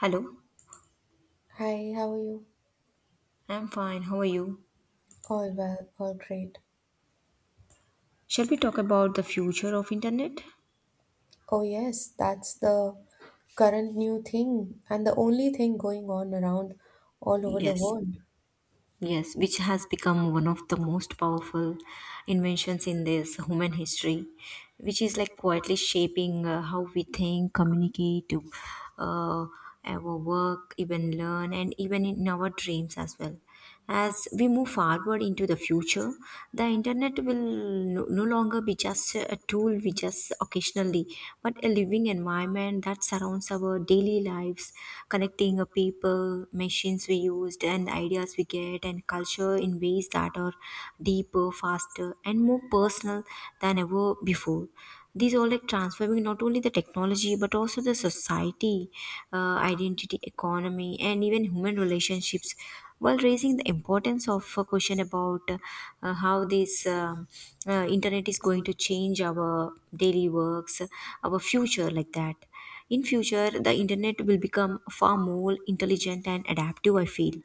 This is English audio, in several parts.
Hello, Hi, how are you? I'm fine. How are you? All well, all great. Shall we talk about the future of internet? Oh, yes, that's the current new thing and the only thing going on around all over the Yes, world. yes, which has become one of the most powerful inventions in this human history, which is like quietly shaping how we think, communicate, uh, our work, even learn, and even in our dreams as well. As we move forward into the future, the internet will no longer be just a tool we just occasionally, but a living environment that surrounds our daily lives, connecting a people, machines we used, and ideas we get, and culture in ways that are deeper, faster, and more personal than ever before. These are like transforming not only the technology but also the society, identity, economy, and even human relationships while raising the importance of a question about how this internet is going to change our daily works, our future like that. In future the internet will become far more intelligent and adaptive, I feel.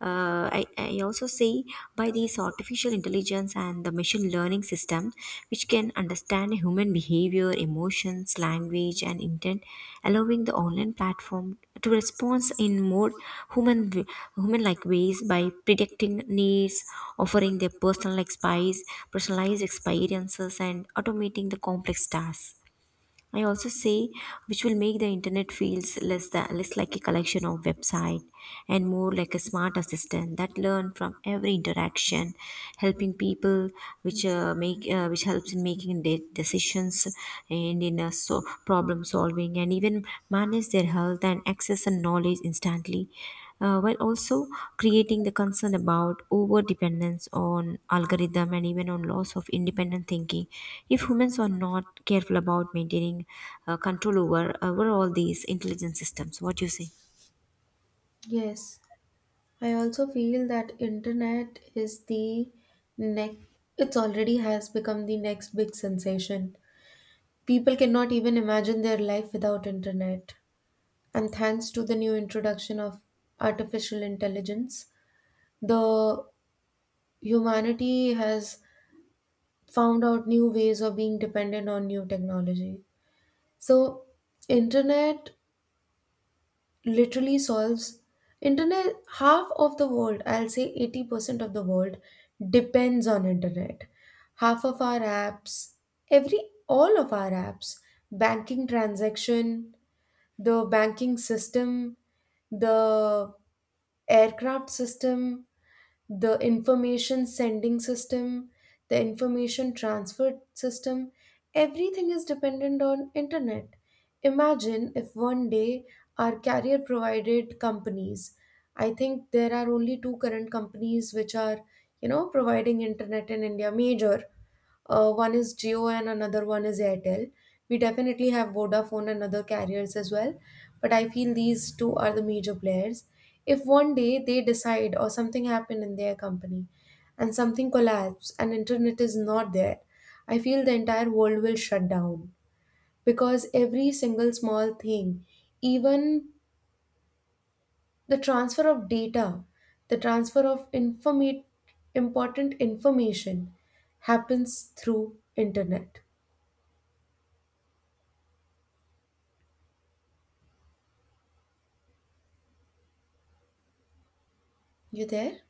I also say by these artificial intelligence and the machine learning system, which can understand human behavior, emotions, language, and intent, allowing the online platform to respond in more human human like ways by predicting needs, offering their personal like spies, personalized experiences, and automating the complex tasks. I also say which will make the internet feels less like a collection of website and more like a smart assistant that learn from every interaction, helping people, which make which helps in making decisions and in so problem solving, and even manage their health and access and knowledge instantly, while also creating the concern about over dependence on algorithm and even on loss of independent thinking if humans are not careful about maintaining control over all these intelligent systems. What do you say? Yes, I also feel that internet is the next. It's already has become the next big sensation. People cannot even imagine their life without internet. And thanks to the new introduction of artificial intelligence, the humanity has found out new ways of being dependent on new technology. So internet literally solves internet half of the world, I'll say 80% of the world depends on internet. Half of our apps, every all of our apps, banking transaction, the banking system, the aircraft system, the information sending system, the information transfer system, everything is dependent on internet. Imagine if one day our carrier provided companies, I think there are only two current companies which are, you know, providing internet in India, major. One is Jio and another one is Airtel. We definitely have Vodafone and other carriers as well, but I feel these two are the major players. If one day they decide or something happened in their company and something collapsed and internet is not there, I feel the entire world will shut down because every single small thing, even the transfer of data, the important information happens through internet. You there?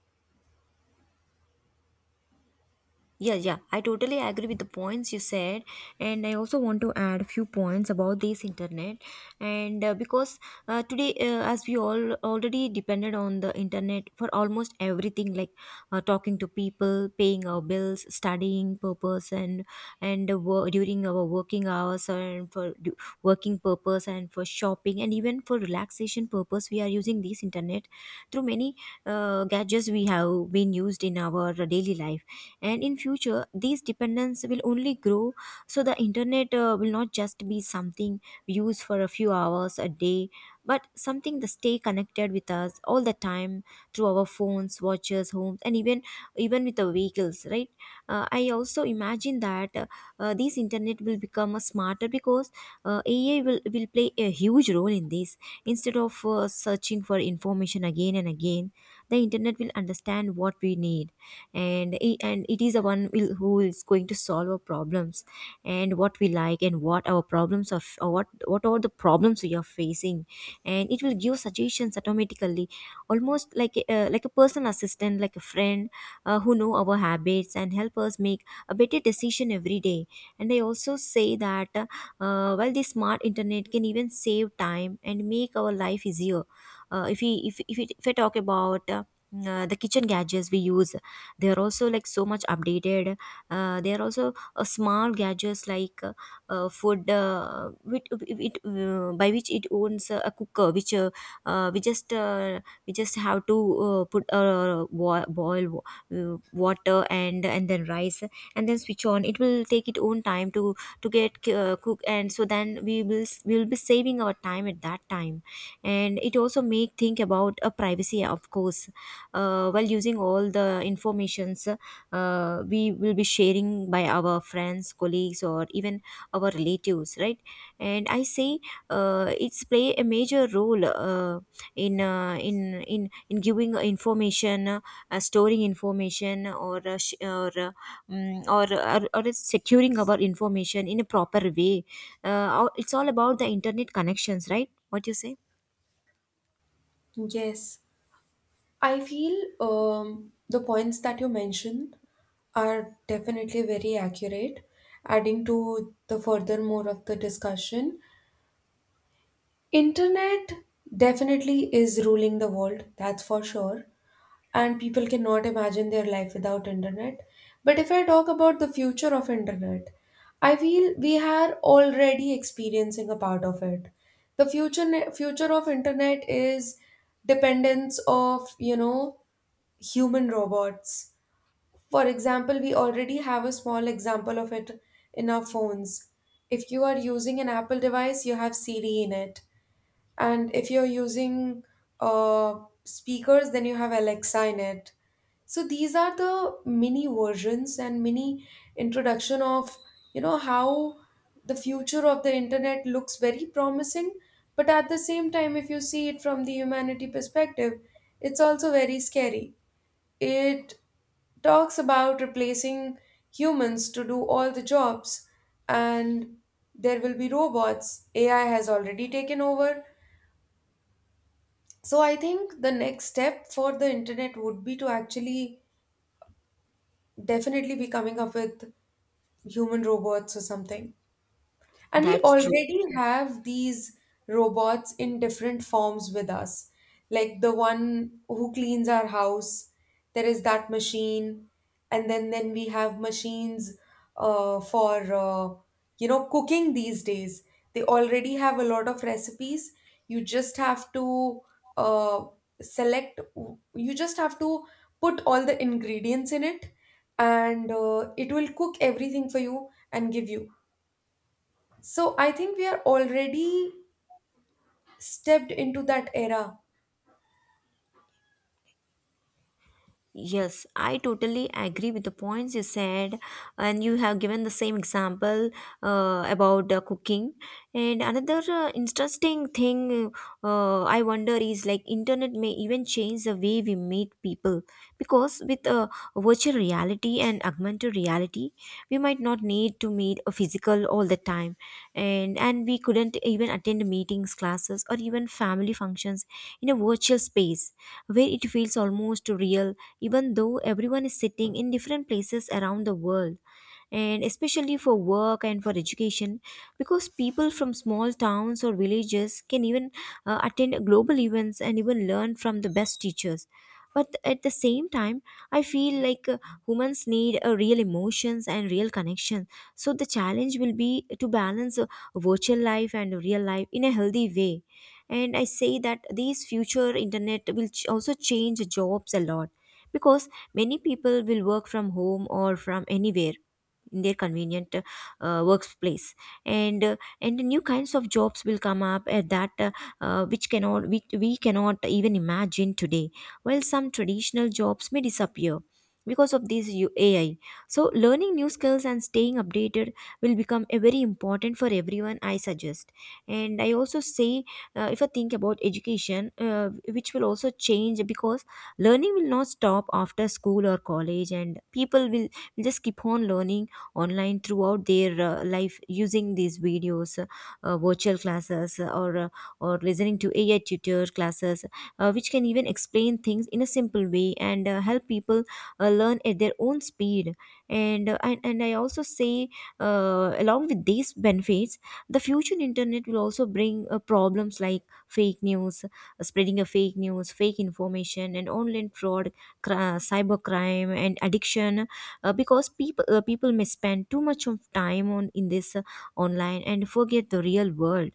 Yeah, yeah, I totally agree with the points you said, and I also want to add a few points about this internet. And Because today, as we all already depended on the internet for almost everything, like talking to people, paying our bills, studying purpose, and during our working hours, and working purpose, and for shopping and even for relaxation purpose, we are using this internet through many gadgets we have been used in our daily life. And in future these dependence will only grow, so the internet will not just be something we use for a few hours a day but something that stay connected with us all the time through our phones, watches, homes, and even with the vehicles, right? I also imagine that these internet will become smarter because AI will play a huge role in this. Instead of searching for information again and again, the internet will understand what we need, and and it is the one who is going to solve our problems, and what we like, and what our problems of or what are the problems we are facing, and it will give suggestions automatically, almost like like a personal assistant, like a friend, who know our habits and help us make a better decision every day. And they also say that while the smart internet can even save time and make our life easier. If we if, it, If I talk about the kitchen gadgets we use, they are also like so much updated. They are also small gadgets like food, by which it owns a cooker, which, uh, we just uh, we just have to put, boil water, and then rice, and then switch on. It will take its own time to get cook, and so then we will be saving our time at that time. And it also make think about a privacy, of course, while using all the informations we will be sharing by our friends, colleagues, or even our relatives, right? And I say it's play a major role in giving information, storing information, or or securing our information in a proper way. It's all about the internet connections, right? What you say? Yes, I feel the points that you mentioned are definitely very accurate, adding to the furthermore of the discussion. Internet definitely is ruling the world, that's for sure. And people cannot imagine their life without internet. But if I talk about the future of internet, I feel we are already experiencing a part of it. The future of internet is dependence of, you know, human robots. For example, we already have a small example of it in our phones. If you are using an Apple device, you have Siri in it. And if you're using speakers, then you have Alexa in it. So these are the mini versions and mini introduction of, you know, how the future of the internet looks very promising. But at the same time, if you see it from the humanity perspective, it's also very scary. It talks about replacing humans to do all the jobs, and there will be robots. AI has already taken over. So I think the next step for the internet would be to actually definitely be coming up with human robots or something. And we That's true. already have these robots in different forms with us. Like the one who cleans our house, there is that machine, and then we have machines for you know, cooking these days. They already have a lot of recipes. You just have to uh, select. You just have to put all the ingredients in it, and it will cook everything for you and give you. So I think we are already stepped into that era. Yes, I totally agree with the points you said, and you have given the same example about cooking. And another interesting thing I wonder is, like, internet may even change the way we meet people, because with virtual reality and augmented reality, we might not need to meet a physical all the time, and we couldn't even attend meetings, classes, or even family functions in a virtual space where it feels almost real, even though everyone is sitting in different places around the world, and especially for work and for education, because people from small towns or villages can even attend global events and even learn from the best teachers. But at the same time, I feel like humans need a real emotions and real connection, so the challenge will be to balance virtual life and real life in a healthy way. And I say that these future internet will also change jobs a lot, because many people will work from home or from anywhere in their convenient workplace, and uh, and new kinds of jobs will come up at that which cannot we, we cannot even imagine today, while some traditional jobs may disappear because of this AI. So learning new skills and staying updated will become a very important for everyone, I suggest. And I also say, if I think about education, which will also change because learning will not stop after school or college, and people will just keep on learning online throughout their life using these videos, virtual classes, or listening to AI tutor classes, which can even explain things in a simple way and help people learn at their own speed. And I also say, along with these benefits, the future internet will also bring problems like fake news, spreading of fake news, fake information, and online fraud, cybercrime, and addiction, because people people may spend too much of time on in this online and forget the real world.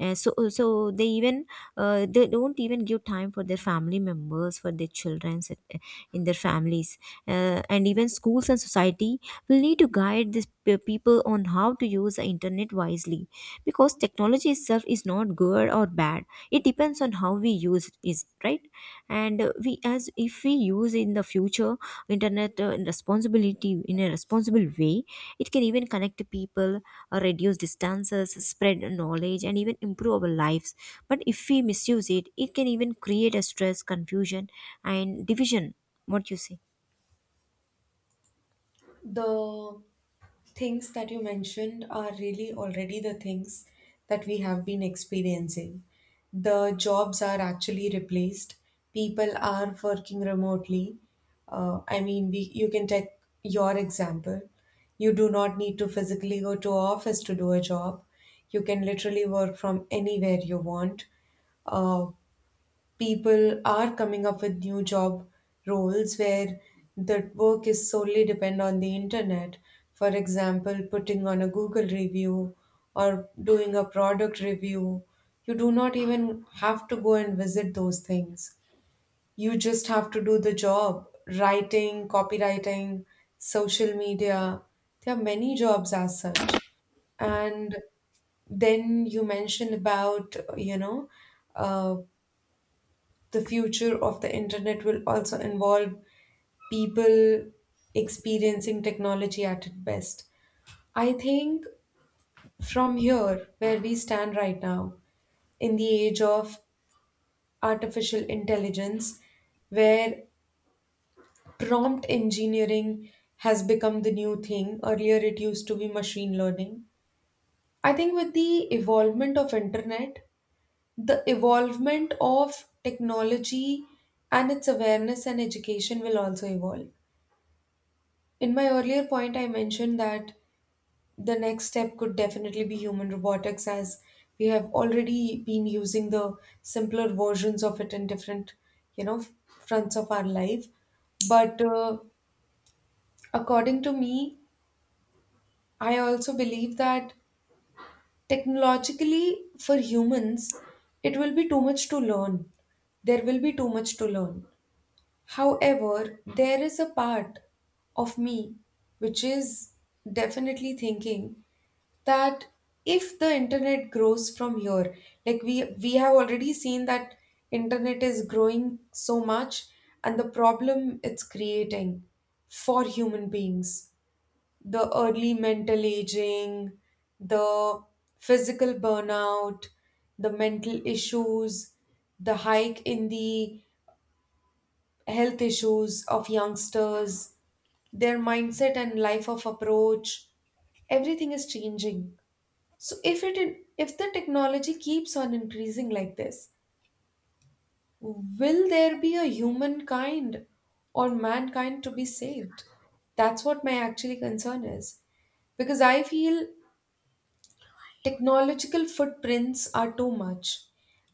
So they even they don't even give time for their family members, for their children, in their families, and even schools and society will need to guide these people on how to use the internet wisely, because technology itself is not good or bad. It depends on how we use it, right? And we, as if we use in the future internet in responsibility, in a responsible way, it can even connect people, reduce distances, spread knowledge, and even improve our lives. But if we misuse it, it can even create a stress, confusion, and division. What you say? The things that you mentioned are really already the things that we have been experiencing. The jobs are actually replaced. People are working remotely. You can take your example. You do not need to physically go to office to do a job. You can literally work from anywhere you want. Uh, People are coming up with new job roles where the work is solely depend on the internet. For example, putting on a Google review or doing a product review, you do not even have to go and visit those things. You just have to do the job. Writing, copywriting, social media, there are many jobs as such. And then you mentioned about, you know, uh, the future of the internet will also involve people experiencing technology at its best. I think from here, where we stand right now, in the age of artificial intelligence, where prompt engineering has become the new thing, earlier it used to be machine learning. I think with the evolvement of internet, the evolvement of technology and its awareness and education will also evolve. In my earlier point, I mentioned that the next step could definitely be human robotics, as we have already been using the simpler versions of it in different, you know, fronts of our life. But according to me, I also believe that technologically for humans, it will be too much to learn. There will be too much to learn. However, there is a part of me which is definitely thinking that if the internet grows from here, like we have already seen that internet is growing so much and the problem it's creating for human beings, the early mental aging, the physical burnout, the mental issues, the hike in the health issues of youngsters, their mindset and life of approach, everything is changing. So if the technology keeps on increasing like this, will there be a humankind or mankind to be saved? That's what my actually concern is because I feel technological footprints are too much.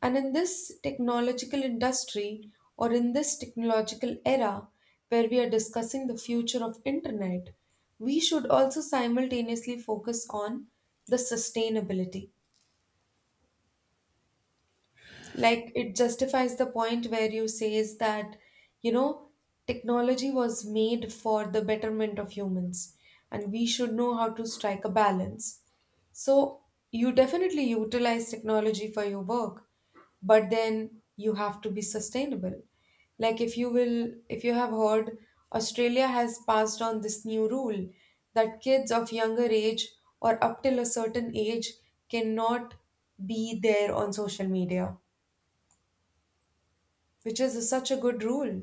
And in this technological industry or in this technological era where we are discussing the future of internet, we should also simultaneously focus on the sustainability, like it justifies the point where you says that, you know, technology was made for the betterment of humans and we should know how to strike a balance. So you definitely utilize technology for your work, but then you have to be sustainable. Like if you have heard, Australia has passed on this new rule that kids of younger age or up till a certain age cannot be there on social media, which is such a good rule.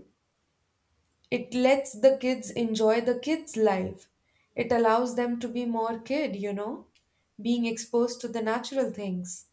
It lets the kids enjoy the kids' life. It allows them to be more kid, you know, being exposed to the natural things.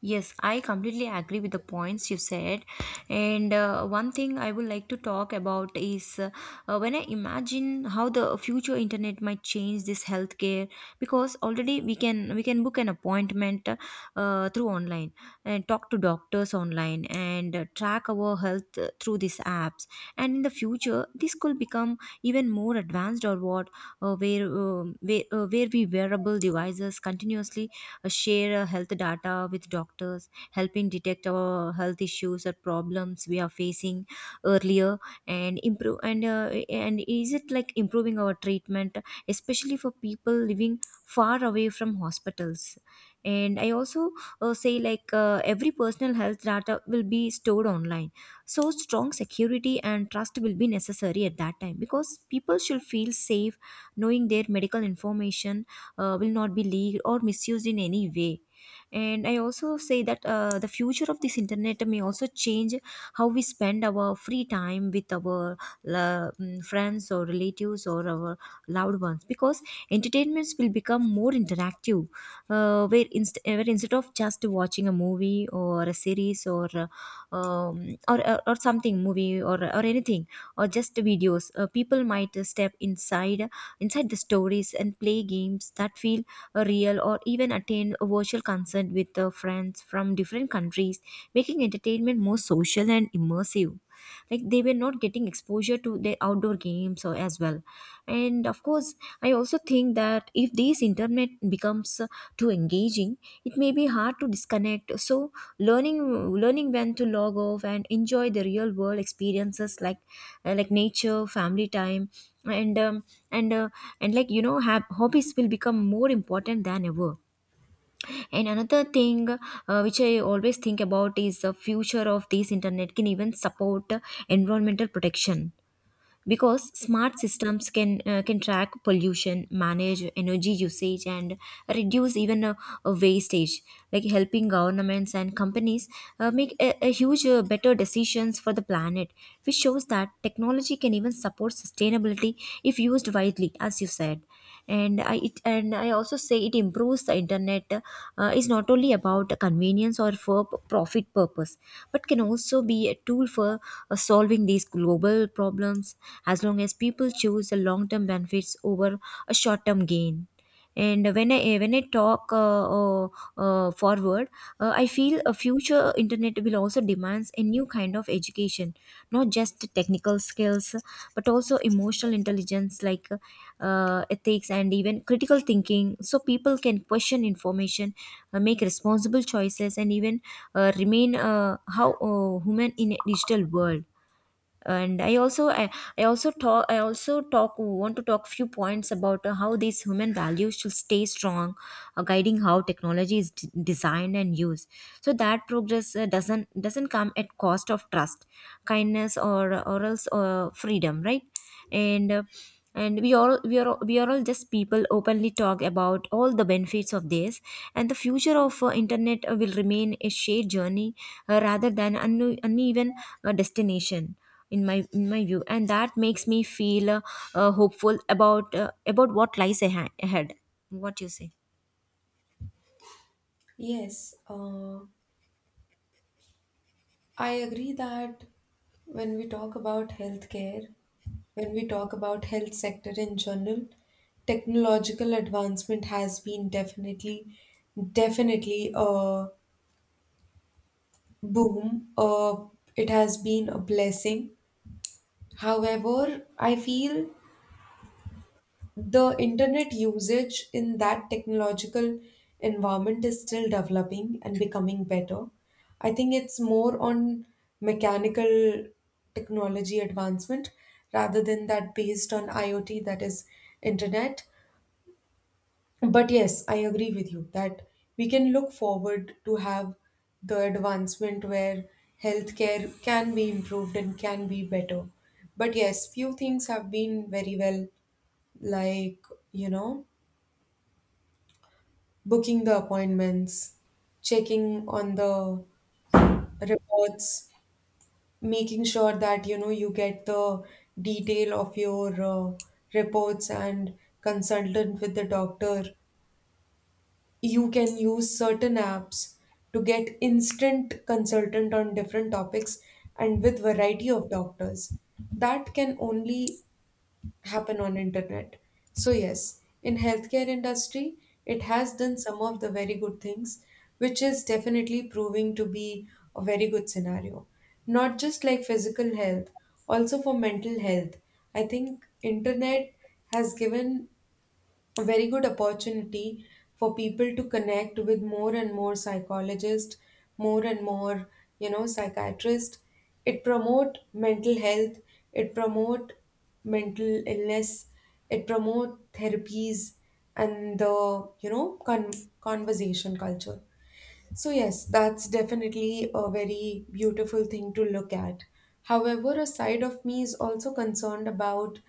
Yes, I completely agree with the points you said. And one thing I would like to talk about is when I imagine how the future internet might change this healthcare, because already we can book an appointment through online and talk to doctors online and track our health through these apps. And in the future, this could become even more advanced, or what where where we wearable devices continuously share health data with doctors, helping detect our health issues or problems we are facing earlier, and improve, and is it like improving our treatment, especially for people living far away from hospitals? And I also say, like, every personal health data will be stored online, so strong security and trust will be necessary at that time, because people should feel safe knowing their medical information will not be leaked or misused in any way. And I also say that the future of this internet may also change how we spend our free time with our friends or relatives or our loved ones, because entertainments will become more interactive, where, instead of just watching a movie or a series or something movie or anything or just videos, people might step inside the stories and play games that feel a real, or even attend a virtual concert with friends from different countries, making entertainment more social and immersive. Like they were not getting exposure to the outdoor games or as well. And of course, I also think that if this internet becomes too engaging, it may be hard to disconnect. So learning learning when to log off and enjoy the real world experiences like nature, family time, and um, and uh, and have hobbies will become more important than ever. And another thing, which I always think about, is the future of this internet can even support environmental protection, because smart systems can track pollution, manage energy usage, and reduce even wastage, like helping governments and companies make a huge better decisions for the planet, which shows that technology can even support sustainability if used widely, as you said. And I also say it improves the internet. Uh, is not only about convenience or for profit purpose, but can also be a tool for solving these global problems, as long as people choose the long term benefits over a short term gain. And when I talk uh, forward, I feel a future internet will also demands a new kind of education, not just technical skills but also emotional intelligence, like ethics and even critical thinking, so people can question information, make responsible choices, and even remain how human in a digital world. And I also talk want to talk few points about how these human values should stay strong, guiding how technology is designed and used, so that progress doesn't come at cost of trust, kindness, or else freedom, right? And and we all we are all just people openly talk about all the benefits of this, and the future of internet will remain a shared journey, rather than an uneven destination, in my view. And that makes me feel hopeful about what lies ahead. What you say? Yes, I agree that when we talk about healthcare, when we talk about health sector in general, technological advancement has been definitely a boom. It has been a blessing. However, I feel the internet usage in that technological environment is still developing and becoming better. I think it's more on mechanical technology advancement rather than that based on IoT, that is internet. But yes, I agree with you that we can look forward to have the advancement where healthcare can be improved and can be better. But yes, few things have been very well, like, you know, booking the appointments, checking on the reports, making sure that you know you get the detail of your reports and consultant with the doctor. You can use certain apps to get instant consultant on different topics and with variety of doctors. That can only happen on internet. So yes, in healthcare industry, it has done some of the very good things, which is definitely proving to be a very good scenario. Not just like physical health, also for mental health, I think internet has given a very good opportunity for people to connect with more and more psychologists, more and more, you know, psychiatrists. It promote mental health, it promote mental illness, it promote therapies and the, you know, conversation culture. So yes, that's definitely a very beautiful thing to look at. However, a side of me is also concerned about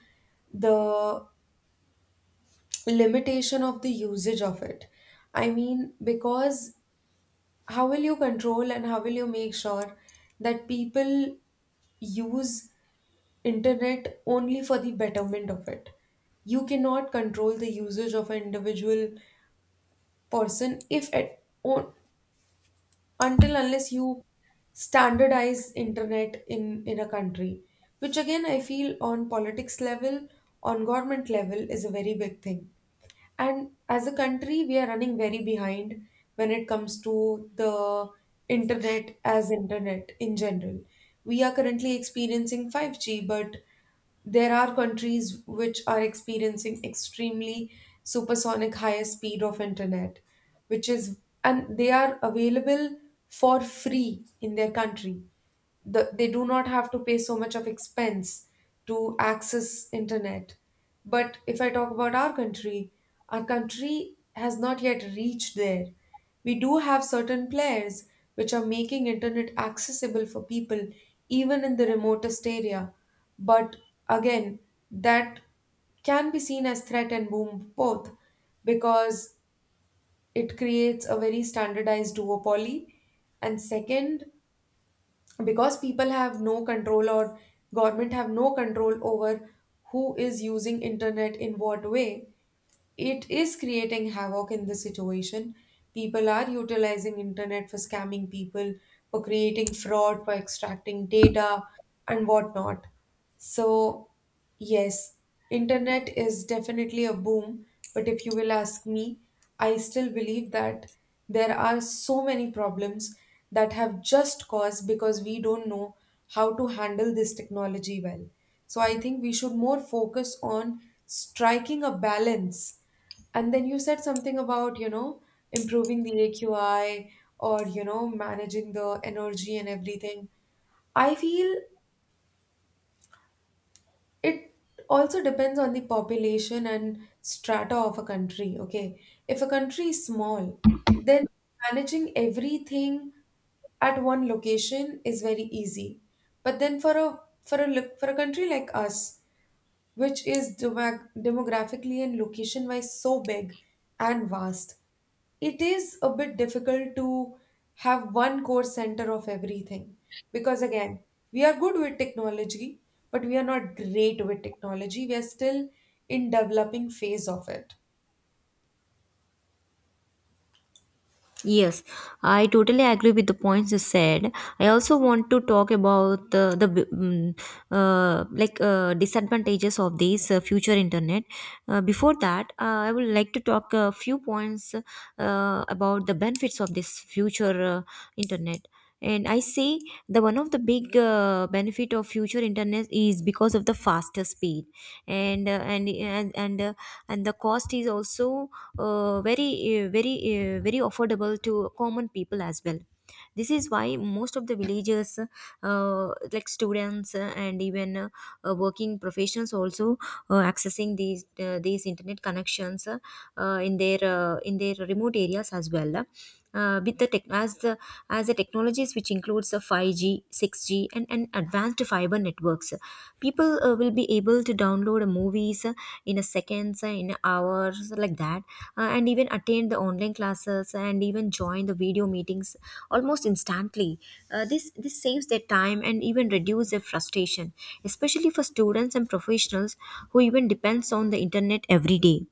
the limitation of the usage of it. I mean, because how will you control and how will you make sure that people use internet only for the betterment of it? You cannot control the usage of an individual person if at on, until unless you standardize internet in a country, which again I feel on politics level, on government level is a very big thing. And as a country, we are running very behind when it comes to the internet as internet in general. We are currently experiencing 5G, but there are countries which are experiencing extremely supersonic high speed of internet, which is, and they are available for free in their country. The, they do not have to pay so much of expense to access internet. But if I talk about our country, our country has not yet reached there. We do have certain players which are making internet accessible for people even in the remotest area. But again, that can be seen as threat and boom both, because it creates a very standardized duopoly. And second, because people have no control or government have no control over who is using internet in what way, it is creating havoc in this situation. People are utilizing internet for scamming people, for creating fraud, for extracting data and whatnot. So yes, internet is definitely a boom, but if you will ask me, I still believe that there are so many problems that have just caused because we don't know how to handle this technology well. So I think we should more focus on striking a balance. And then you said something about, you know, improving the AQI or, you know, managing the energy and everything. I feel it also depends on the population and strata of a country. Okay. If a country is small, then managing everything at one location is very easy. But then for a look for a country like us which is demographically and location wise so big and vast, it is a bit difficult to have one core center of everything because, again, we are good with technology, but we are not great with technology. We are still in developing phase of it. Yes, I totally agree with the points you said. I also want to talk about the disadvantages of these future internet. Before that, I would like to talk a few points about the benefits of this future internet. And I say the one of the big benefit of future internet is because of the faster speed, and uh, and and and, uh, and the cost is also uh, very very affordable to common people as well. This is why most of the villagers, uh, like students and even working professionals also, accessing these internet connections in their remote areas as well, with the tech, as the technologies, which includes a 5G, 6G, and advanced fiber networks. People will be able to download movies, in a seconds, in hours, like that, and even attend the online classes and even join the video meetings almost instantly. This saves their time and even reduce their frustration, especially for students and professionals who even depends on the internet every day.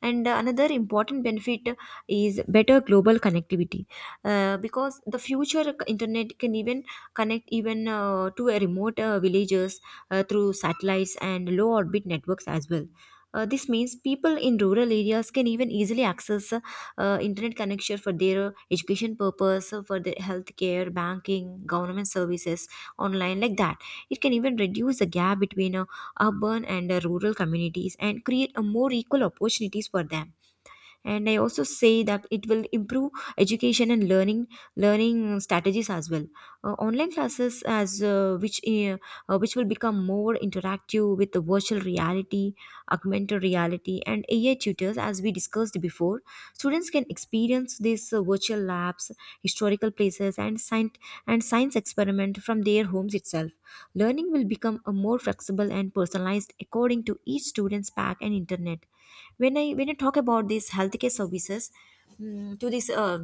And another important benefit is better global connectivity, because the future internet can even connect even to a remote villages through satellites and low orbit networks as well. Uh, this means people in rural areas can even easily access internet connection for their education purpose, for their healthcare, banking, government services online, like that. It can even reduce the gap between urban and rural communities, and create a more equal opportunities for them. And I also say that it will improve education and learning strategies as well. Online classes, as which will become more interactive, with the virtual reality, augmented reality, and AI tutors, as we discussed before. Students can experience these virtual labs, historical places, and science experiment from their homes itself. Learning will become a more flexible and personalized according to each student's pack and internet. When I talk about these healthcare services, to this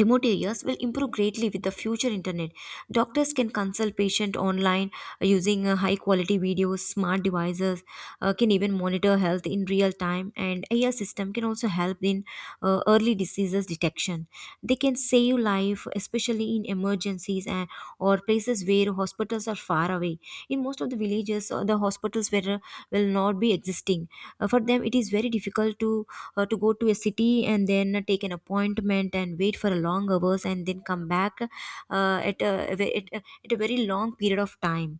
remote areas will improve greatly with the future internet. Doctors can consult patient online, using high quality videos. Smart devices can even monitor health in real time, and AI system can also help in early diseases detection. They can save life, especially in emergencies, and or places where hospitals are far away. In most of the villages, the hospitals will not be existing. For them it is very difficult to go to a city and then take an appointment and wait for a long hours and then come back, at, a, ve- at a very long period of time,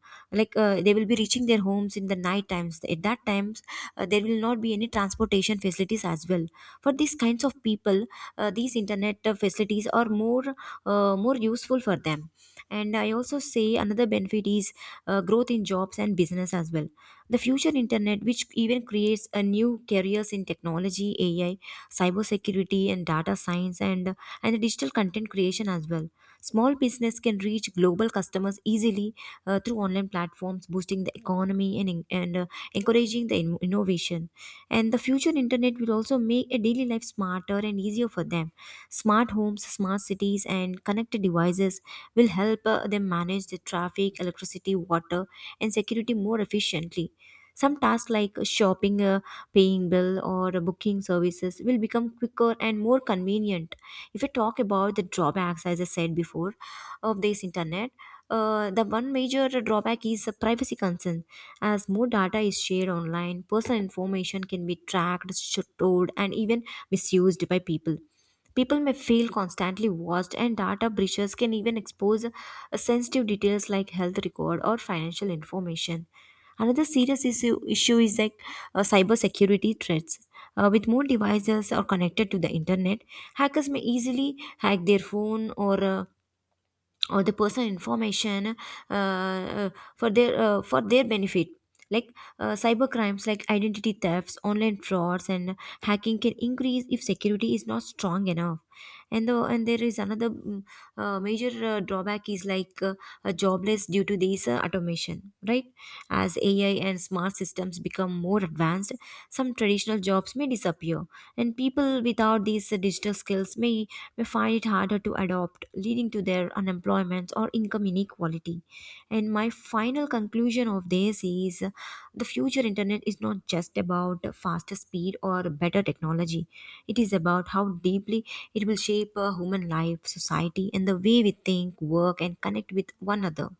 like they will be reaching their homes in the night times. At that times there will not be any transportation facilities as well. For these kinds of people, these internet facilities are more useful for them. And I also say another benefit is growth in jobs and business as well. The future internet, which even creates a new careers in technology, AI, cybersecurity, and data science, and digital content creation as well. Small business can reach global customers easily, through online platforms, boosting the economy, and encouraging the innovation. And the future internet will also make a daily life smarter and easier for them. Smart homes, smart cities, and connected devices will help them manage the traffic, electricity, water, and security more efficiently. Some tasks like shopping, paying bill, or booking services will become quicker and more convenient. If we talk about the drawbacks, as I said before, of this internet, the one major drawback is the privacy concern. As more data is shared online, personal information can be tracked, stored, and even misused by people. People may feel constantly watched, and data breaches can even expose sensitive details like health record or financial information. Another serious issue is like cybersecurity threats. With more devices are connected to the internet, hackers may easily hack their phone, or the personal information uh, uh, for their benefit, like cyber crimes like identity thefts, online frauds, and hacking can increase if security is not strong enough. And there is another major drawback is like jobless due to this automation, right? As AI and smart systems become more advanced, some traditional jobs may disappear, and people without these digital skills may find it harder to adopt, leading to their unemployment or income inequality. And my final conclusion of this is, the future internet is not just about faster speed or better technology, it is about how deeply it will shape human life, society, and the way we think, work, and connect with one another.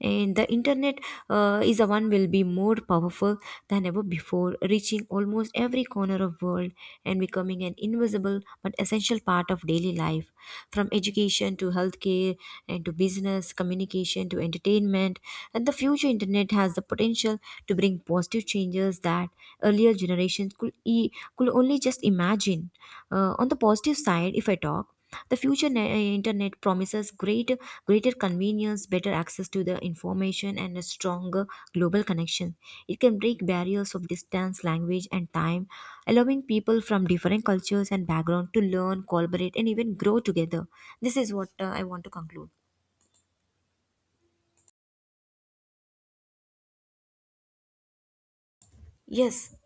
And the internet is a one will be more powerful than ever before, reaching almost every corner of world, and becoming an invisible but essential part of daily life, from education to healthcare, and to business, communication to entertainment. And the future internet has the potential to bring positive changes that earlier generations could only just imagine. On the positive side, if I talk, the future internet promises greater convenience, better access to the information, and a stronger global connection. It can break barriers of distance, language, and time, allowing people from different cultures and backgrounds to learn, collaborate, and even grow together. This is what I want to conclude. Yes.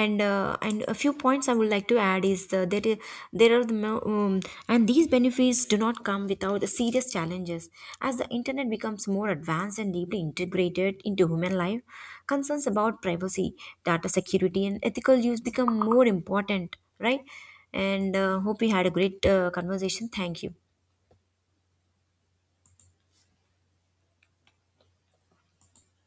And and a few points I would like to add is that there are the mo- and these benefits do not come without the serious challenges. As the internet becomes more advanced and deeply integrated into human life, concerns about privacy, data security, and ethical use become more important, right? And hope we had a great conversation. Thank you.